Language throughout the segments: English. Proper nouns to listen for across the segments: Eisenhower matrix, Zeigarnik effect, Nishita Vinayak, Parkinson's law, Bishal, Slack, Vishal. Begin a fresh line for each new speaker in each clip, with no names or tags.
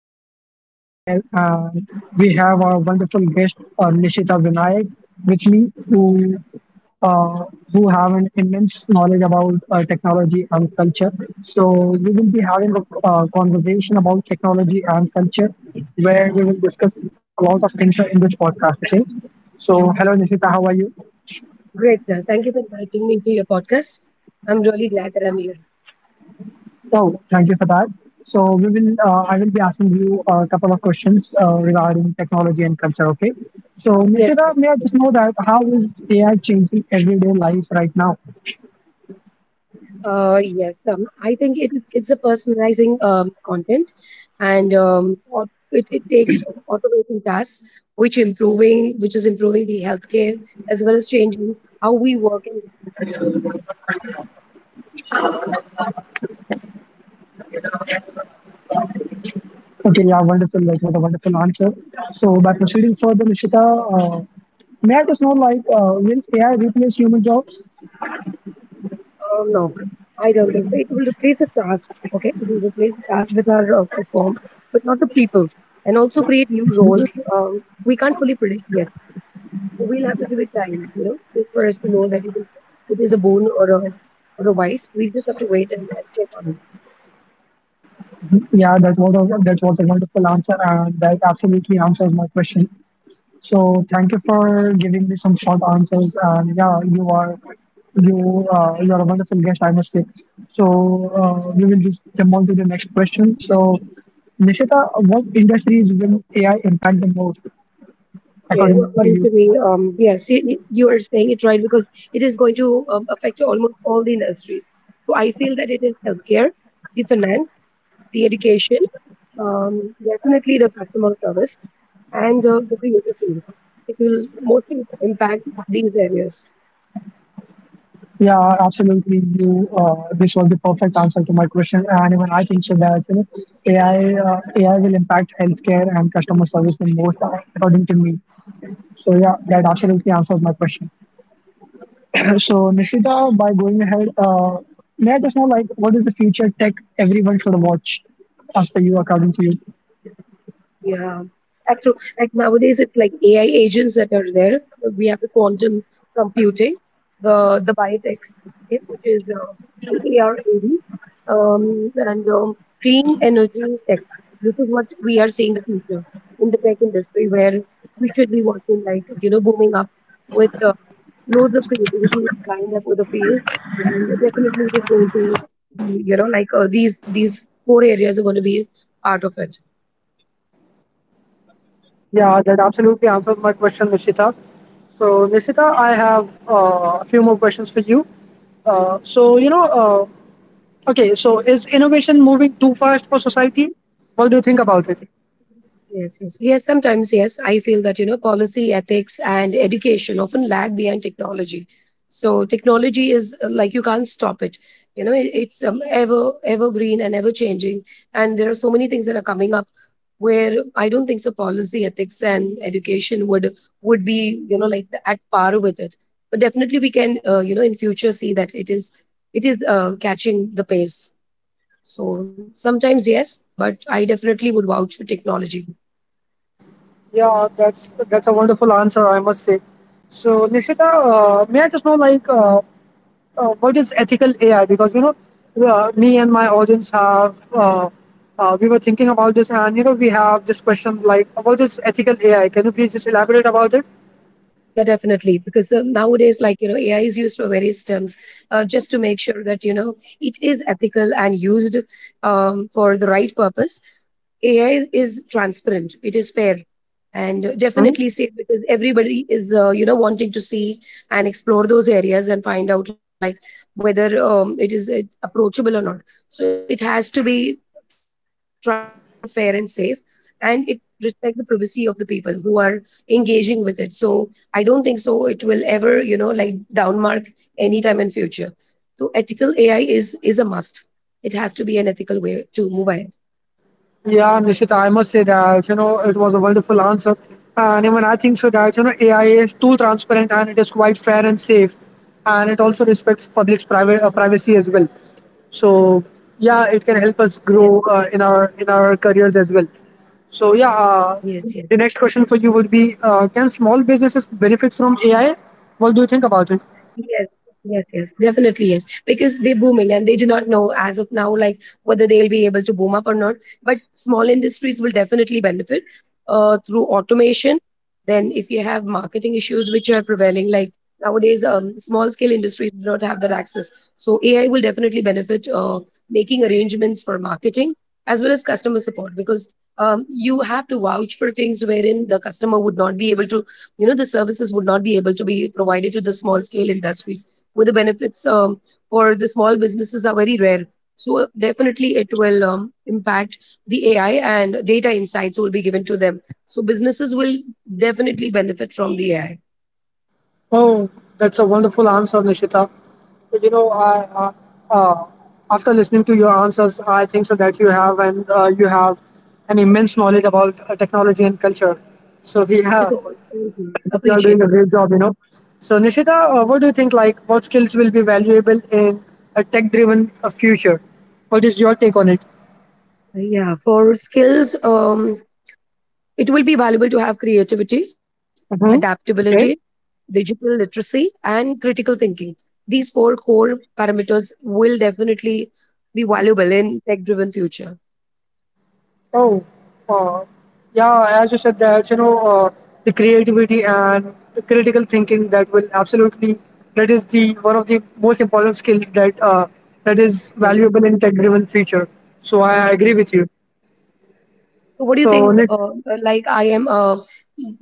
podcast. My name is Umair, and we have our wonderful guest Nishita Vinayak with me, uh, who have an immense knowledge about technology and culture. So we will be having a conversation about technology and culture, where we will discuss a lot of things in this podcast. Okay. So hello Nishita, how are you?
Great, sir. Thank you for inviting me to your podcast. I'm really glad that I'm here.
Oh, thank you for that. So we will, I will be asking you a couple of questions regarding technology and culture. Okay. So
Yes,
Nishita,
yes.
may I just know that how is AI changing everyday life right now?
Yes. I think it's a personalizing content, and it takes automating tasks, which is improving the healthcare as well as changing how we work. And
Okay, yeah, wonderful. That was a wonderful answer. So by proceeding further, Nishita, uh, may I just know like will AI replace human jobs?
no, I don't think so. It will replace the task. Okay, it will replace the task with our perform, but not the people, and also create new roles. We can't fully predict yet. We'll have to give it time, you know, just for us to know that it is a bone or a vice. We just have to wait and check on it.
Yeah, that was a wonderful answer, and that absolutely answers my question. So thank you for giving me some short answers. And yeah, you are a wonderful guest, I must say. So we will just jump on to the next question. So Nishita, what industries will AI impact the most
Okay,
according to you?
according to me, yes, you are saying it right because it is going to affect almost all the industries. So I feel that it is healthcare, the finance, the education, definitely the customer service, and the creative field. It will mostly impact these areas.
Yeah, absolutely. You This was the perfect answer to my question, and even I think so that you know, AI will impact healthcare and customer service the most, according to me. So yeah, that absolutely answers my question. So, Nishita, by going ahead, may I just know, like, what is the future tech everyone should watch after you, according to you?
Yeah. Actually, like nowadays, it's like AI agents that are there. We have the quantum computing, the biotech, okay, which is the AR/AV, and clean energy tech. This is what we are seeing the future in the tech industry, where we should be watching like you know booming up with loads of creativity lined up with the field, and definitely it is going to be you know like these four areas are going to be part of it.
Yeah, that absolutely answers my question, Nishita. So, Nishita, I have a few more questions for you. So, you know, okay, so is innovation moving too fast for society? What do you think about it?
Yes, yes, yes. Sometimes, yes, I feel that you know policy, ethics, and education often lag behind technology. So technology is like you can't stop it. You know, it's ever evergreen and ever changing, and there are so many things that are coming up where I don't think so. Policy, ethics, and education would be you know like at par with it. But definitely, we can you know in future see that it is catching the pace. So sometimes yes, but I definitely would vouch for technology.
Yeah, that's a wonderful answer, I must say. So, Nishita, may I just know, like, what is ethical AI? Because you know, me and my audience have we were thinking about this, and you know, we have this question like, what is ethical AI? Can you please just elaborate about it?
Yeah, definitely. Because nowadays, like, you know, AI is used for various terms just to make sure that, you know, it is ethical and used for the right purpose. AI is transparent, it is fair, and
Hmm?
definitely safe because everybody is you know wanting to see and explore those areas and find out like whether it is approachable or not. So it has to be transparent, fair, and safe, and it respects the privacy of the people who are engaging with it. So I don't think so it will ever you know like downmark anytime in future. So ethical AI is a must. It has to be an ethical way to move ahead.
Yeah, Nishita, I must say that you know it was a wonderful answer, and even I think so that you know AI is too transparent and it is quite fair and safe, and it also respects public's private privacy as well. So yeah, it can help us
Yes,
grow in our careers as well. So
yes, yes.
the next question for you would be: Can small businesses benefit from AI? What do you think about it?
Yes, yes, yes, definitely yes. Because they're booming and they do not know as of now, like whether they'll be able to boom up or not. But small industries will definitely benefit through automation. Then, if you have marketing issues which are prevailing, like nowadays, small scale industries do not have that access. So, AI will definitely benefit making arrangements for marketing as well as customer support because you have to vouch for things wherein the customer would not be able to you know the services would not be able to be provided to the small scale industries where the benefits for the small businesses are very rare, so definitely it will impact the AI, and data insights will be given to them, so businesses will definitely benefit from the AI.
Oh, that's a wonderful answer, Nishita. You know, uh, uh, after listening to your answers, I think so that you have an immense knowledge about technology and culture. So
Thank you
yeah,
so much, thank you,
you are
appreciate
doing a great job. You know. So Nishita, what do you think? Like, what skills will be valuable in a tech-driven future? What is your take on it?
it. Yeah, for skills, it will be valuable to have creativity, adaptability, digital literacy, and critical thinking. These four core parameters will definitely be valuable in tech driven future.
Oh, uh, yeah, as you said that, you know, the creativity and the critical thinking that is the one of the most important skills that that is
Yes.
valuable in tech-driven future. So I agree with you.
So what do you
So,
think?
Nitin-
Like I am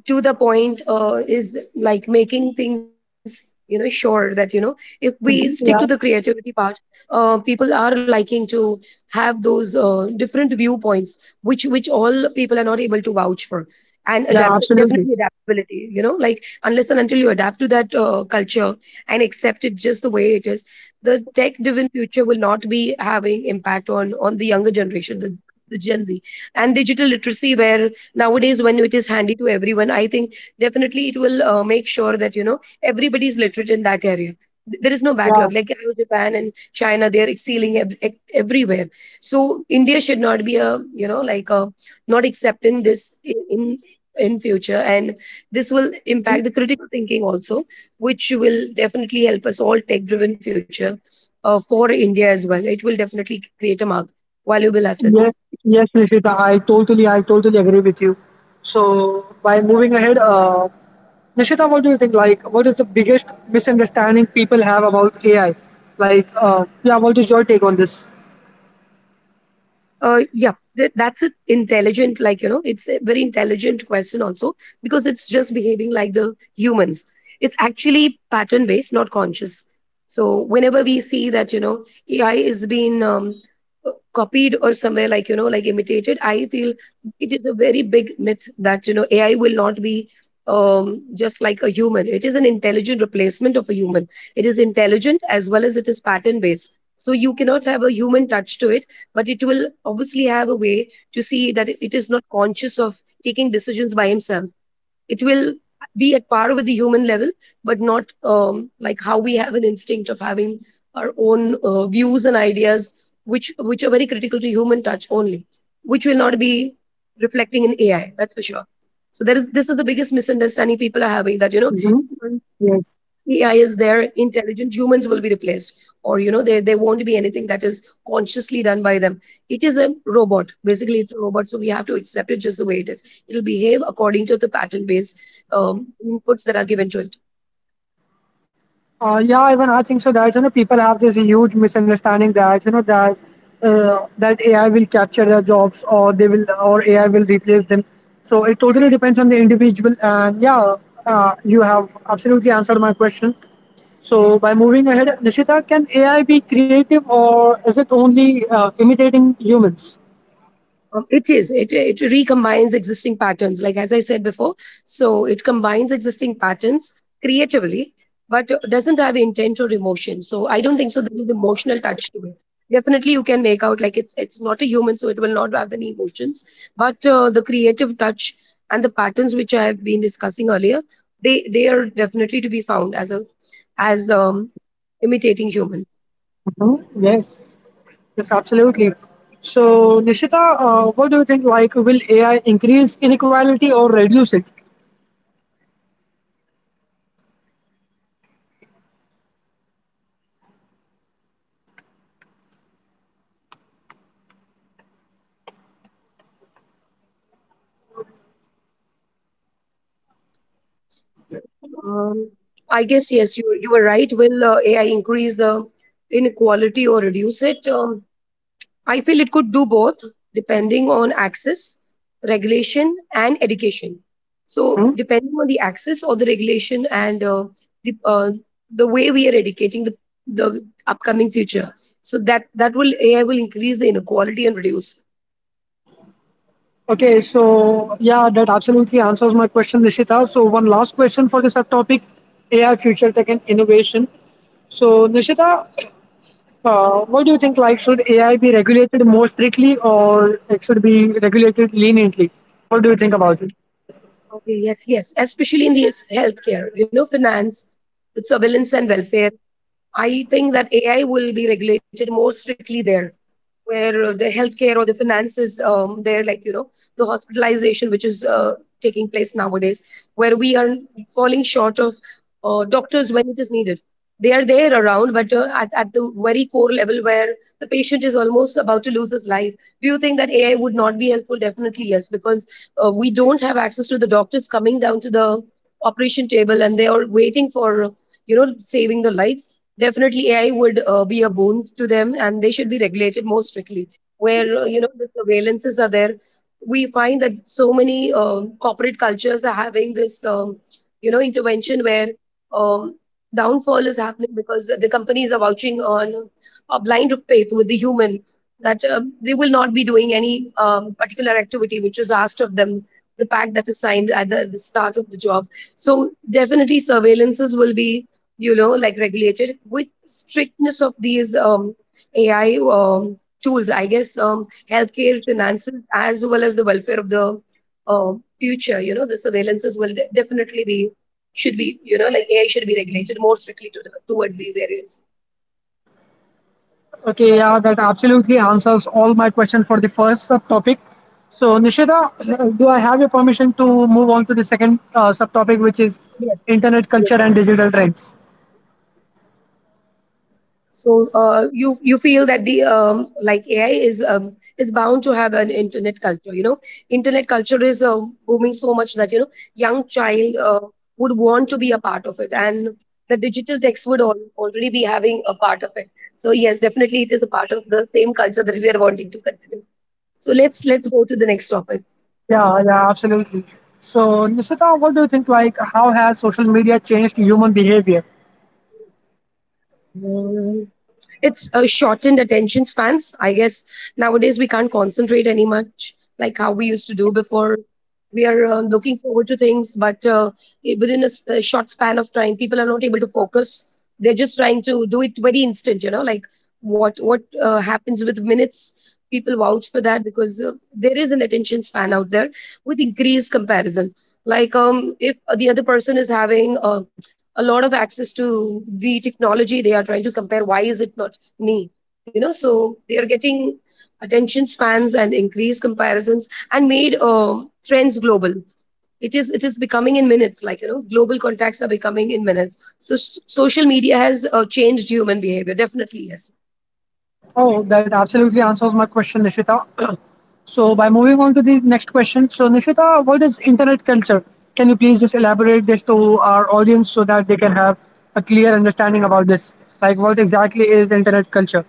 to the point, is like making things you know sure that you know if we stick to the
yeah,
creativity part, people are liking to have those different viewpoints, which all people are not able to vouch for. And
yeah,
adapt,
absolutely.
definitely adaptability, you know, like unless and until you adapt to that culture and accept it just the way it is, the tech-driven future will not be having impact on the younger generation, the Gen Z, and digital literacy where nowadays when it is handy to everyone, I think definitely it will make sure that you know everybody is literate in that area. There is no
Yeah.
backlog, like how Japan and China, they are excelling everywhere, so India should not be a you know like a not accepting this i- in in future, and this will impact the critical thinking also, which will definitely help us all tech driven future for India as well, it will definitely create a mark, valuable assets.
Yes, yes, Nishita, I totally agree with you. So, by moving ahead, Nishita, what do you think? Like, what is the biggest misunderstanding people have about AI? Like, yeah, what is your take on this?
think uh yeah that's it, intelligent, like you know, it's a very intelligent question also, because it's just behaving like the humans. It's actually pattern based, not conscious. So whenever we see that you know AI is being copied or somewhere like you know like imitated, I feel it is a very big myth that you know AI will not be um just like a human. It is an intelligent replacement of a human. It is intelligent as well as it is pattern based, so you cannot have a human touch to it, but it will obviously have a way to see that it is not conscious of taking decisions by himself. It will be at par with the human level, but not like how we have an instinct of having our own views and ideas, which are very critical to human touch only, which will not be reflecting in AI. That's for sure. So there is this is the biggest misunderstanding people are having that you know AI is there, intelligent humans will be replaced, or you know, there won't be anything that is consciously done by them. It is a robot. Basically, it's a robot, so we have to accept it just the way it is. It'll behave according to the pattern-based inputs that are given to it.
Yeah, even I think so that you know people have this huge misunderstanding that you know that that AI will capture their jobs or they will or AI will replace them. So it totally depends on the individual. And yeah, you have absolutely answered my question. So by moving ahead, Nishita, can AI be creative or is it only imitating humans?
It is. It recombines existing patterns, like as I said before. So it combines existing patterns creatively, but doesn't have intent or emotion. So I don't think so. There is emotional touch to it. Definitely, you can make out like it's not a human, so it will not have any emotions. But the creative touch and the patterns which I have been discussing earlier, they are definitely to be found as a as imitating humans.
Mhm. Yes. Yes, absolutely. So Nishita, what do you think? Like, will AI increase inequality or reduce it?
Um, I guess yes, you were right. Will AI increase the inequality or reduce it? I feel it could do both, depending on access, regulation, and education. So depending on the access or the regulation and the uh, the way we are educating the upcoming future, so that will AI will increase the inequality and reduce.
Okay, so yeah, that absolutely answers my question, Nishita. So one last question for this subtopic: AI, future tech, and innovation. So Nishita, what do you think? Like, should AI be regulated more strictly, or it should be regulated leniently? What do you think about it?
Okay, yes, yes, especially in the healthcare, you know, finance, the surveillance and welfare, I think that AI will be regulated more strictly there, where the healthcare or the finances, there, like, you know, the hospitalization, which is taking place nowadays, where we are falling short of doctors when it is needed. They are there around, but at the very core level where the patient is almost about to lose his life. Do you think that AI would not be helpful? Definitely, yes, because we don't have access to the doctors coming down to the operation table and they are waiting for, you know, saving the lives. Definitely AI would be a boon to them, and they should be regulated more strictly. Where you know the surveillances are there, we find that so many corporate cultures are having this you know intervention where um, downfall is happening because the companies are vouching on a blind faith with the human that they will not be doing any particular activity which is asked of them. The pact that is signed at the start of the job. So definitely surveillances will be you know, like regulated with strictness of these AI tools. I guess healthcare, finances, as well as the welfare of the uh, future, you know, the surveillances will definitely be, should be, you know, like AI should be regulated more strictly to towards these areas.
Okay, yeah, that absolutely answers all my questions for the first subtopic. So Nishita, do I have your permission to move on to the second subtopic, which is
Yes.
internet culture and digital trends?
So you you feel that the like AI is bound to have an internet culture. You know, internet culture is booming so much that you know young child would want to be a part of it, and the digital text would already be having a part of it. So yes, definitely it is a part of the same culture that we are wanting to continue. So let's go to the next topic.
Yeah, yeah, absolutely. So, Nishita, what do you think? Like, how has social media changed human behavior?
It's a shortened attention spans. I guess nowadays we can't concentrate any much like how we used to do before. We are looking forward to things, but within a short span of time, people are not able to focus. They're just trying to do it very instant. You know, like what happens with minutes. People vouch for that because there is an attention span out there with increased comparison. Like if the other person is having a lot of access to the technology, they are trying to compare, why is it not me, you know, so they are getting attention spans and increased comparisons and made trends global. It is becoming in minutes, like you know global contacts are becoming in minutes. So social media has changed human behavior, definitely yes.
Oh, that absolutely answers my question, Nishita. So, by moving on to the next question, so Nishita, what is internet culture? Can you please just elaborate this to our audience so that they can have a clear understanding about this? Like, what exactly is internet culture?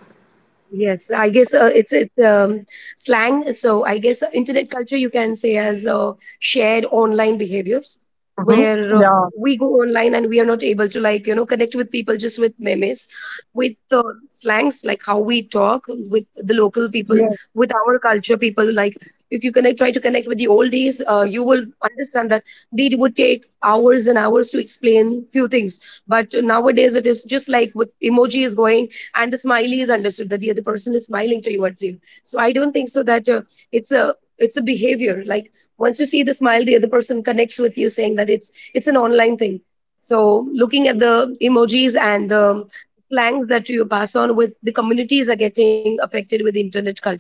Yes, I guess it's slang. So I guess internet culture you can say as shared online behaviors,
Mm-hmm.
where
Yeah,
we go online and we are not able to, like you know, connect with people just with memes, with slangs, like how we talk with the local people,
yeah,
with our culture people. Like if you connect, try to connect with the old days, you will understand that they would take hours and hours to explain few things. But nowadays it is just like with emojis going, and the smiley is understood that the other person is smiling towards you. So I don't think so that it's a behavior, like once you see the smile the other person connects with you saying that it's an online thing. So looking at the emojis and the slangs that you pass on with the communities are getting affected with internet culture.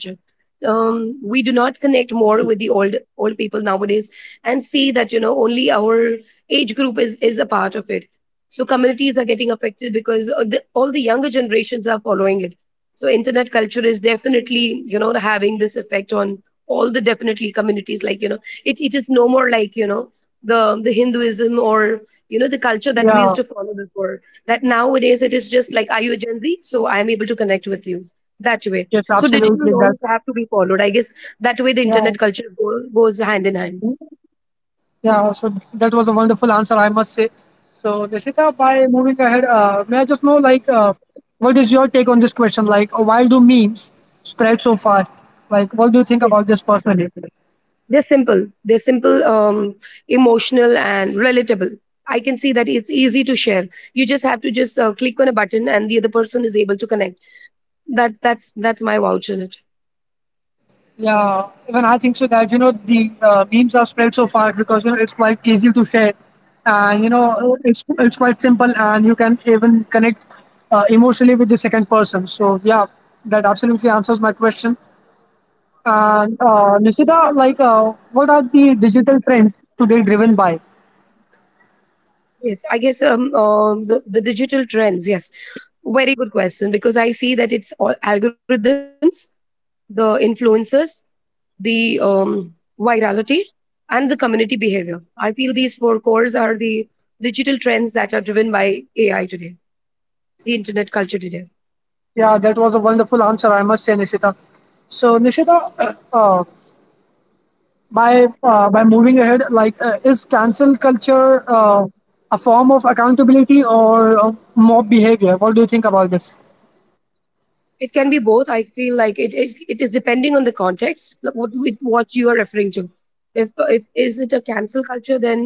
We do not connect more with the old old people nowadays, and see that you know only our age group is a part of it. So communities are getting affected because all the younger generations are following it. So internet culture is definitely, you know, having this effect on all the definitely communities, like you know, it is no more like you know the hinduism or you know the culture that we used
yeah,
to follow before, that nowadays it is just like, are you a gen z, so I am able to connect with you that way.
yes,
So digital
absolutely. That,
norms have to be followed, I guess that way the
yeah.
internet culture goes hand in hand.
Yeah, so that was a wonderful answer, I must say. So, Deshita, by moving ahead, may I just know, like, what is your take on this question? Like, why do memes spread so far? Like, what do you think
Yes.
about this personally?
They're simple. They're simple, emotional, and relatable. I can see that it's easy to share. You just have to just click on a button, and the other person is able to connect. That's my vouch on it.
Yeah, even I think so that, you know, the memes are spread so far because, you know, it's quite easy to share. And, you know, it's quite simple and you can even connect emotionally with the second person. So, yeah, that absolutely answers my question. And Nishita, like, what are the digital trends today driven by?
Yes, I guess the digital trends. Yes, very good question, because I see that it's all algorithms, the influencers, the virality, and the community behavior. I feel these four cores are the digital trends that are driven by AI today, the internet culture today.
Yeah, that was a wonderful answer, I must say, Nishita. So, Nishita, by moving ahead, like, is cancel culture a form of accountability or mob behavior? What do you think about this?
It can be both. I feel like it is depending on the context, like what, with what you are referring to. If if is it a cancel culture, then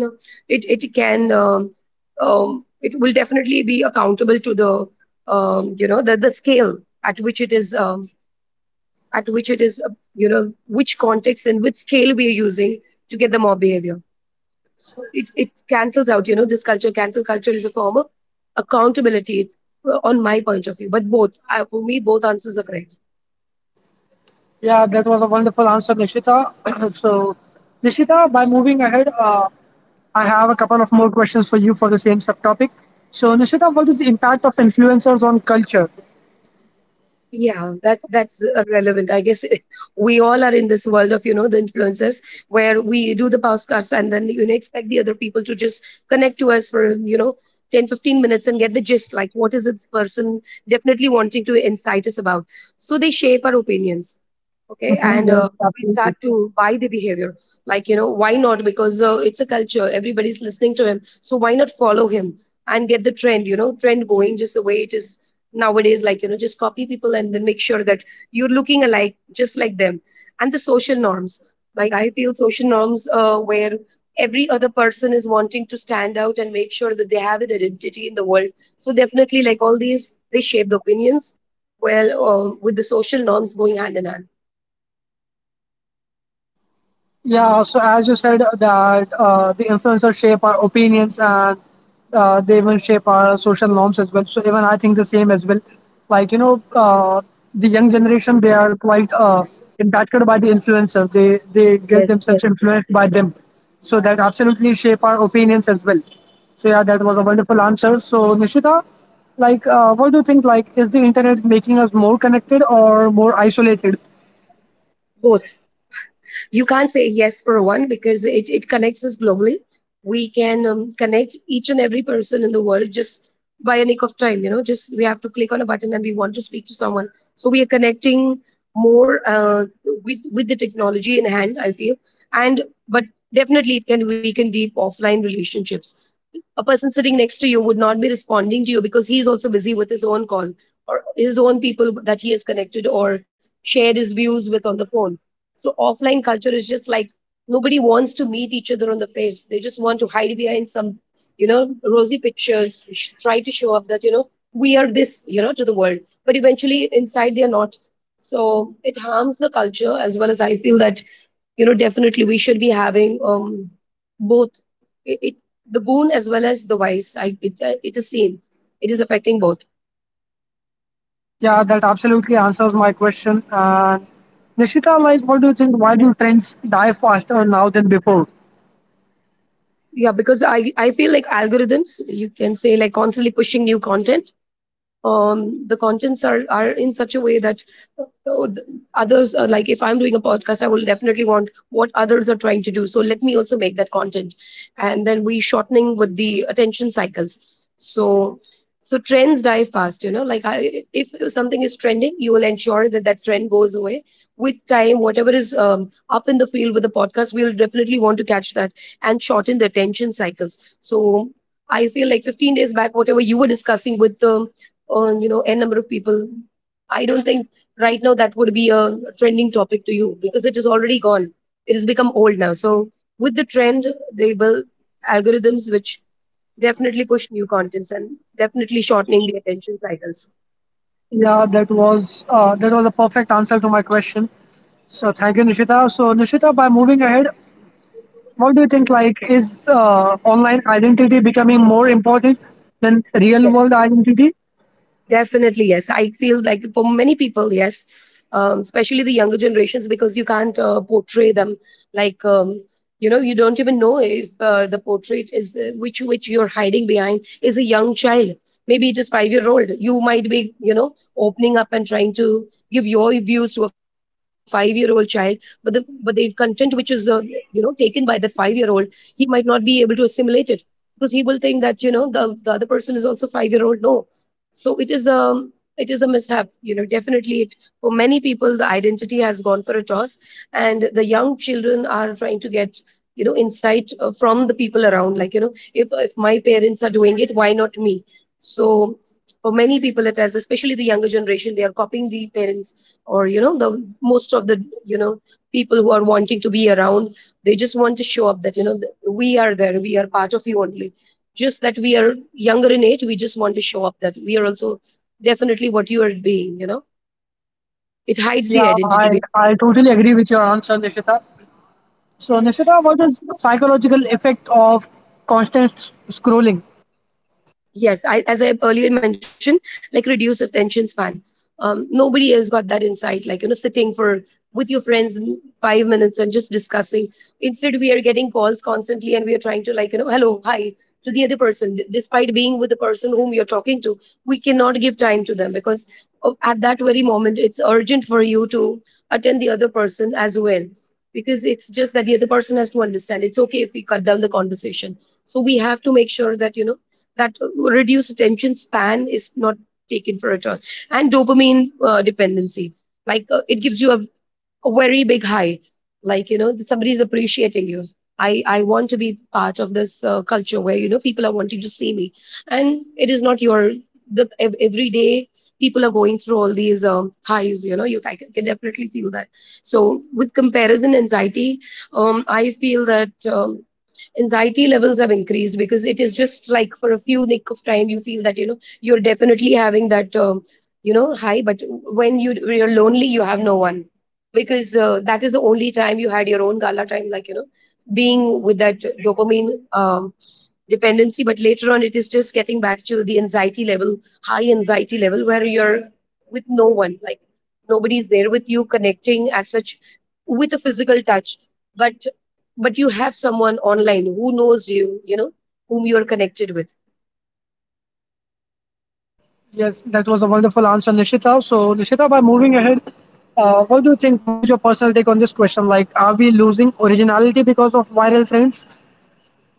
it can it will definitely be accountable to the you know the scale at which it is at which it is, you know, which context and which scale we are using to get the mob behavior. So it cancels out. You know this culture, cancel culture is a form of accountability, on my point of view. But both, for me both answers are correct.
Yeah, that was a wonderful answer, Nishita. So, Nishita, by moving ahead, I have a couple of more questions for you for the same subtopic. So, Nishita, what is the impact of influencers on culture?
Yeah, that's relevant. I guess we all are in this world of, you know, the influencers, where we do the podcast and then you know expect the other people to just connect to us for you know ten, fifteen minutes and get the gist, like what is this person definitely wanting to incite us about. So they shape our opinions, okay,
Mhm,
and
yes,
we
absolutely.
start to buy the behavior, like you know, why not, because it's a culture, everybody's listening to him, so why not follow him and get the trend, you know, trend going just the way it is nowadays, like you know just copy people and then make sure that you're looking alike just like them. And the social norms, like I feel social norms, where every other person is wanting to stand out and make sure that they have an identity in the world. So definitely like all these, they shape the opinions well, with the social norms going hand in hand.
Yeah, so as you said that the influencers shape our opinions and they even shape our social norms as well. So even I think the same as well. Like you know, the young generation they are quite impacted by the influencers. They get themselves influenced by them, so that absolutely shape our opinions as well. So yeah, that was a wonderful answer. So Nishita, like, what do you think? Like, is the internet making us more connected or more isolated?
Both. You can't say yes for one because it connects us globally. We can connect each and every person in the world just by a nick of time. You know, just we have to click on a button and we want to speak to someone. So we are connecting more with the technology in hand, I feel, and but definitely it can weaken deep offline relationships. A person sitting next to you would not be responding to you because he's also busy with his own call or his own people that he has connected or shared his views with on the phone. So offline culture is just like nobody wants to meet each other on the face. They just want to hide behind some, you know, rosy pictures, try to show up that, you know, we are this, you know, to the world. But eventually inside they are not. So it harms the culture as well. As I feel that, you know, definitely we should be having both, it the boon as well as the vice. I it, it is seen. It is affecting both.
Yeah, that absolutely answers my question. And Nishita, like, what do you think? Why do trends die faster now than before?
Yeah, because I feel like algorithms, you can say, like constantly pushing new content. The are in such a way that uh, others are like, if I'm doing a podcast I will definitely want what others are trying to do, so let me also make that content, and then we shortening with the attention cycles. So so trends die fast, you know, like if something is trending you will ensure that that trend goes away with time, whatever is up in the field with the podcast we will definitely want to catch that, and shorten the attention cycles. So I feel like 15 days back whatever you were discussing with the you know n number of people, I don't think right now that would be a trending topic to you because it is already gone, it has become old now. So with the trend they build algorithms which definitely push new contents and definitely shortening the attention cycles.
Yeah, that was a perfect answer to my question. So thank you, Nishita. So Nishita, by moving ahead, what do you think? Like, is online identity becoming more important than real
Yes.
world identity?
Definitely, yes. I feel like for many people, yes, especially the younger generations, because you can't portray them like you know you don't even know if the portrait is which you're hiding behind is a young child. Maybe it is 5 year old. You might be, you know, opening up and trying to give your views to a 5 year old child, but the content which is you know taken by that 5 year old, he might not be able to assimilate it because he will think that you know the other person is also 5 year old. No, so it is a, it is a mishap, you know definitely it, for many people the identity has gone for a toss. And the young children are trying to get, you know, insight from the people around, like you know if my parents are doing it, why not me. So for many people it has, especially the younger generation, they are copying the parents, or you know the most of the you know people who are wanting to be around, they just want to show up that you know we are there, we are part of you only, just that we are younger in age, we just want to show up that we are also definitely what you are being, you know, it hides the
Yeah,
identity.
I I totally agree with your answer, Nishita. So Nishita, what is the psychological effect of constant scrolling?
Yes, as I earlier mentioned, like reduced attention span. Nobody has got that insight. Like you know, sitting for with your friends in 5 minutes and just discussing. Instead, we are getting calls constantly, and we are trying to, like you know, hello, hi to the other person. Despite being with the person whom you're talking to, we cannot give time to them at that very moment, it's urgent for you to attend the other person as well. Because it's just that the other person has to understand. It's okay if we cut down the conversation. So we have to make sure that you know that reduced attention span is not taken for a choice. And dopamine dependency, it gives you a very big high, like you know somebody's appreciating you. I want to be part of this culture where you know people are wanting to see me. And it is not your every day people are going through all these highs, you know. You I can definitely feel that. So with comparison anxiety, I feel that anxiety levels have increased, because it is just like for a few nick of time you feel that you know you're definitely having that, you know, high. But when you're lonely you have no one, because that is the only time you had your own gala time, like you know, being with that dopamine dependency. But later on it is just getting back to the anxiety level, high anxiety level, where you're with no one, like nobody's there with you connecting as such, with a physical touch. but but you have someone online who knows you, you know, whom you are connected with.
Yes, that was a wonderful answer, Nishita. So, Nishita, by moving ahead, what do you think? What is your personal take on this question? Like, are we losing originality because of viral trends?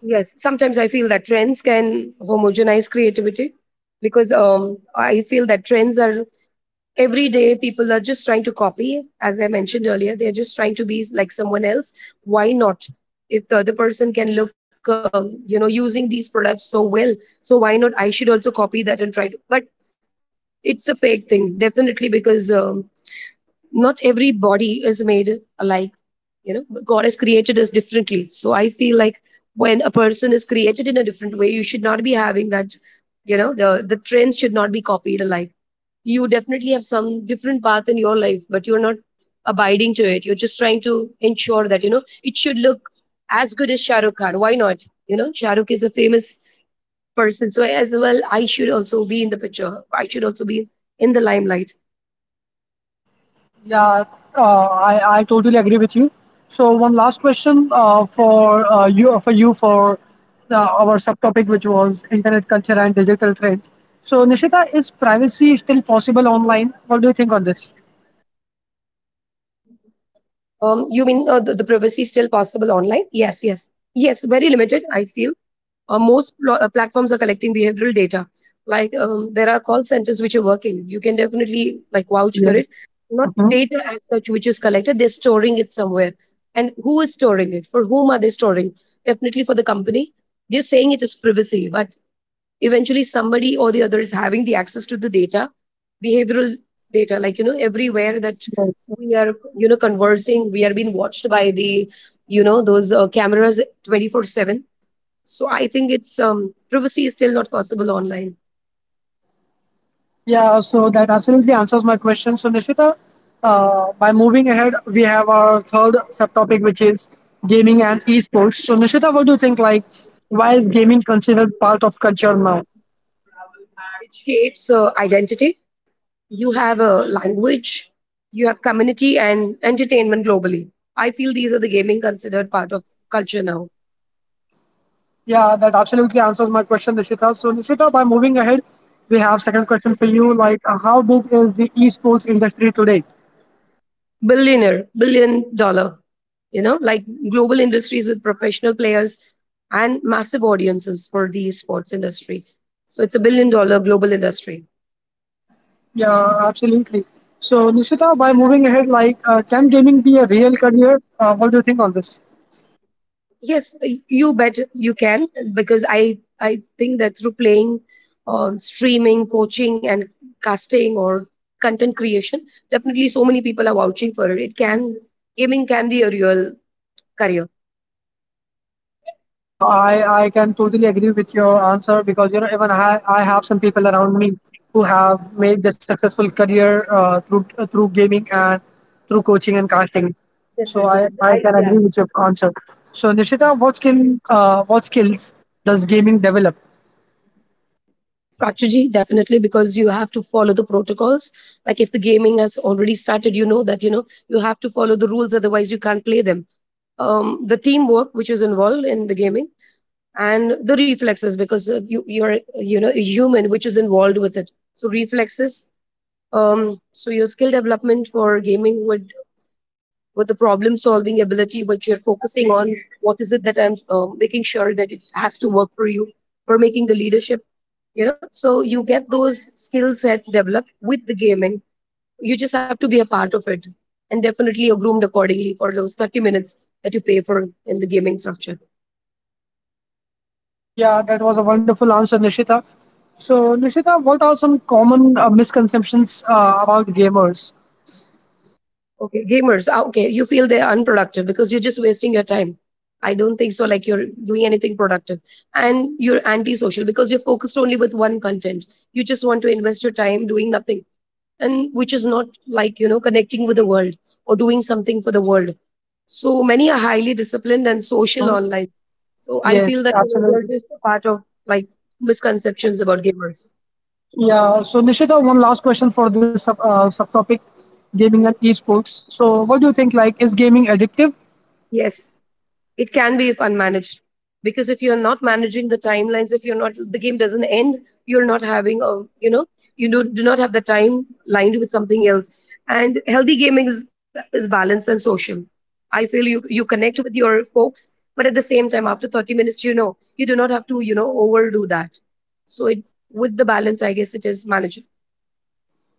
Yes, sometimes I feel that trends can homogenize creativity, because I feel that trends are every day people are just trying to copy. As I mentioned earlier, they're just trying to be like someone else. Why not? If the other person can look you know, using these products so well, so why not I should also copy that and try to. But it's a fake thing definitely, because not every body is made alike. You know, god has created us differently, so I feel like when a person is created in a different way you should not be having that, you know. The trends should not be copied alike. You definitely have some different path in your life, but you're not abiding to it. You're just trying to ensure that you know it should look as good as shahrukh khan. Why not? You know shahrukh is a famous person, so as well I should also be in the picture. I should also be in the limelight.
Yeah, I totally agree with you. So, one last question for you for you for our subtopic, which was internet culture and digital trends. So, Nishita, is privacy still possible online? What do you think on this?
You mean the privacy is still possible online? Yes, yes, yes. Very limited, I feel. Most platforms are collecting behavioral data, like there are call centers which are working, you can definitely like vouch for
Yeah.
it. Not data as such, which is collected they're storing it somewhere. And who is storing it, for whom are they storing? Definitely for the company. They're saying it is privacy, but eventually somebody or the other is having the access to the data, behavioral data. Like you know, everywhere that we are you know conversing, we are being watched by the, you know, those cameras 24/7. So I think it's, privacy is still not possible online.
Yeah, so that absolutely answers my question. So, Nishita, by moving ahead, we have our third subtopic, which is gaming and esports. So, Nishita, what do you think? Like, why is gaming considered part of culture now?
It shapes identity. You have a language, you have community and entertainment globally. I feel these are the gaming considered part of culture now.
Yeah, that absolutely answers my question, Nishita. So, Nishita, by moving ahead, we have second question for you. Like, how big is the esports industry today?
Billionaire, billion dollar, you know, like global industries with professional players and massive audiences for the sports industry. So it's a billion dollar global industry.
Yeah, absolutely. So, Nishita, by moving ahead, like, can gaming be a real career? What do you think on this?
Yes, you bet you can, because I think that through playing, streaming, coaching, and casting or content creation, definitely so many people are vouching for it. It can Gaming can be a real career.
Yeah, I can totally agree with your answer because you know even I have some people around me who have made their successful career through through gaming and through coaching and casting. So I,
Definitely,
I
I,
can agree
yeah.
with your answer. So Nishita, what skills does gaming develop?
Strategy, definitely, because you have to follow the protocols. Like if the gaming has already started, you know that you know you have to follow the rules, otherwise you can't play them. The teamwork which is involved in the gaming, and the reflexes, because you know, a human which is involved with it, so reflexes. So your skill development for gaming would, with the problem solving ability which you're focusing on. What is it that I'm making sure that it has to work for you, for making the leadership, you know? So you get those skill sets developed with the gaming. You just have to be a part of it, and definitely you're groomed accordingly for those 30 minutes that you pay for, in the gaming structure.
Yeah, that was a wonderful answer, Nishita. So Nishita, what are some common misconceptions about gamers?
Okay, gamers. Ah, okay, you feel they're unproductive because you're just wasting your time. I don't think so. Like you're doing anything productive, and you're antisocial because you're focused only with one content. You just want to invest your time doing nothing, and which is not like you know connecting with the world, or doing something for the world. So many are highly disciplined and social online. So I
Yes,
feel that you know they're
absolutely.
just a part of, like, misconceptions about gamers.
Yeah. So Nishita, one last question for this subtopic, gaming and esports. So what do you think? Like, is gaming addictive?
Yes. It can be if unmanaged. Because if you're not managing the timelines, if you're not, the game doesn't end, you're not having a, you know, you do not have the time lined with something else. And healthy gaming is balanced and social. I feel you connect with your folks, but at the same time, after 30 minutes, you know, you do not have to, you know, overdo that. So it, with the balance, I guess it is manageable.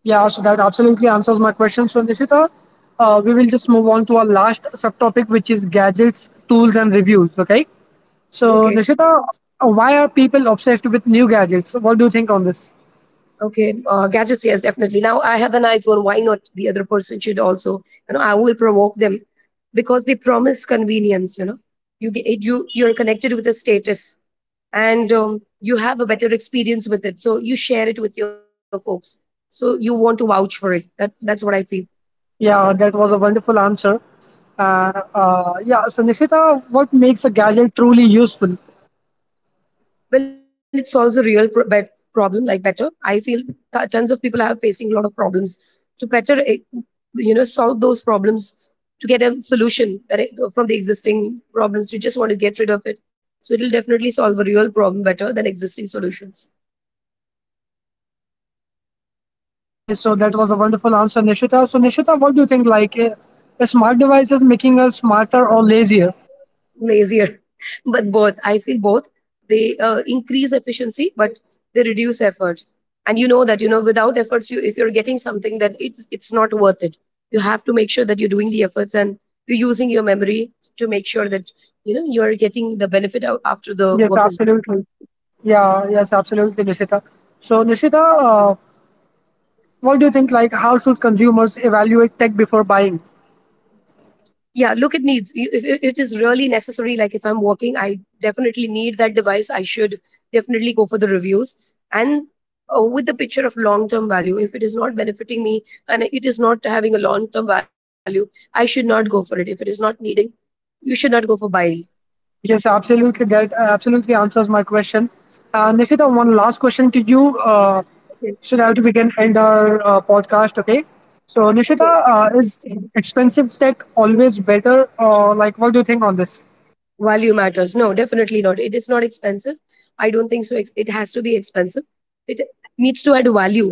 Yeah. So that absolutely answers my question. So Nishita, we will just move on to our last subtopic, which is gadgets, tools, and reviews. Okay. So
Okay.
Nishita, why are people obsessed with new gadgets? What do you think on this?
Okay, gadgets, yes, definitely. Now I have an iPhone. Why not the other person should also? You know, I will provoke them, because they promise convenience. You know, you get you you're connected with a status, and you have a better experience with it. So you share it with your folks. So you want to vouch for it. That's what I feel.
Yeah, that was a wonderful answer. Yeah. So Nishita, what makes a gadget truly useful?
Well, it solves a real problem, like better, I feel tons of people are facing a lot of problems, to better, you know, solve those problems, to get a solution that it, from the existing problems you just want to get rid of it, so it'll definitely solve a real problem better than existing solutions.
Okay, so that was a wonderful answer, Nishita. So, Nishita, what do you think? Like, is smart devices making us smarter or lazier?
Lazier. But both, I feel, both. They increase efficiency, but they reduce effort. And you know that you know without efforts you if you're getting something that it's not worth it. You have to make sure that you're doing the efforts and you're using your memory to make sure that you know you are getting the benefit out after the
Yes,
work is done.
absolutely. Yeah, yes, absolutely, Nishita. So, Nishita, what do you think? Like, how should consumers evaluate tech before buying?
Yeah, look, it needs, if it is really necessary, like if I'm working I definitely need that device. I should definitely go for the reviews, and with the picture of long term value. If it is not benefiting me and it is not having a long term value, I should not go for it. If it is not needing, you should not go for buying.
Yes, absolutely. That absolutely answers my question. Nishita, one last question to you. Uh,
Okay.
so that we can end our podcast, okay? So,
Okay.
Nishita, is expensive tech always better? Or, like, what do you think on this?
Value matters, no, definitely not. It is not expensive, I don't think so. It has to be expensive, it needs to add value,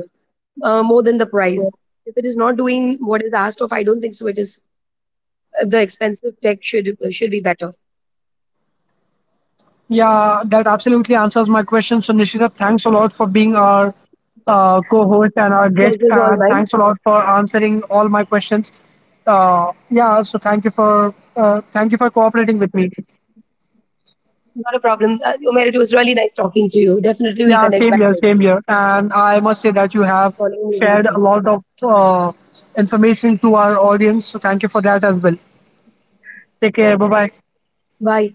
more than the price. If it is not doing what is asked of, I don't think so it is the expensive tech should be better.
Yeah, that absolutely answers my question. So, Nishita, thanks a lot for being our co host and our guest.
Pleasure is all
And
mine.
thanks a lot for answering all my questions. Thank you for cooperating with me.
Not a problem. Umair, it was really nice talking to you. Definitely we'll
Yeah,
connect
same
back
here,
later.
same here. And I must say that you have
Following me on the
shared a
show.
lot of information to our audience. So thank you for that as well. Take care. Bye bye.
Bye.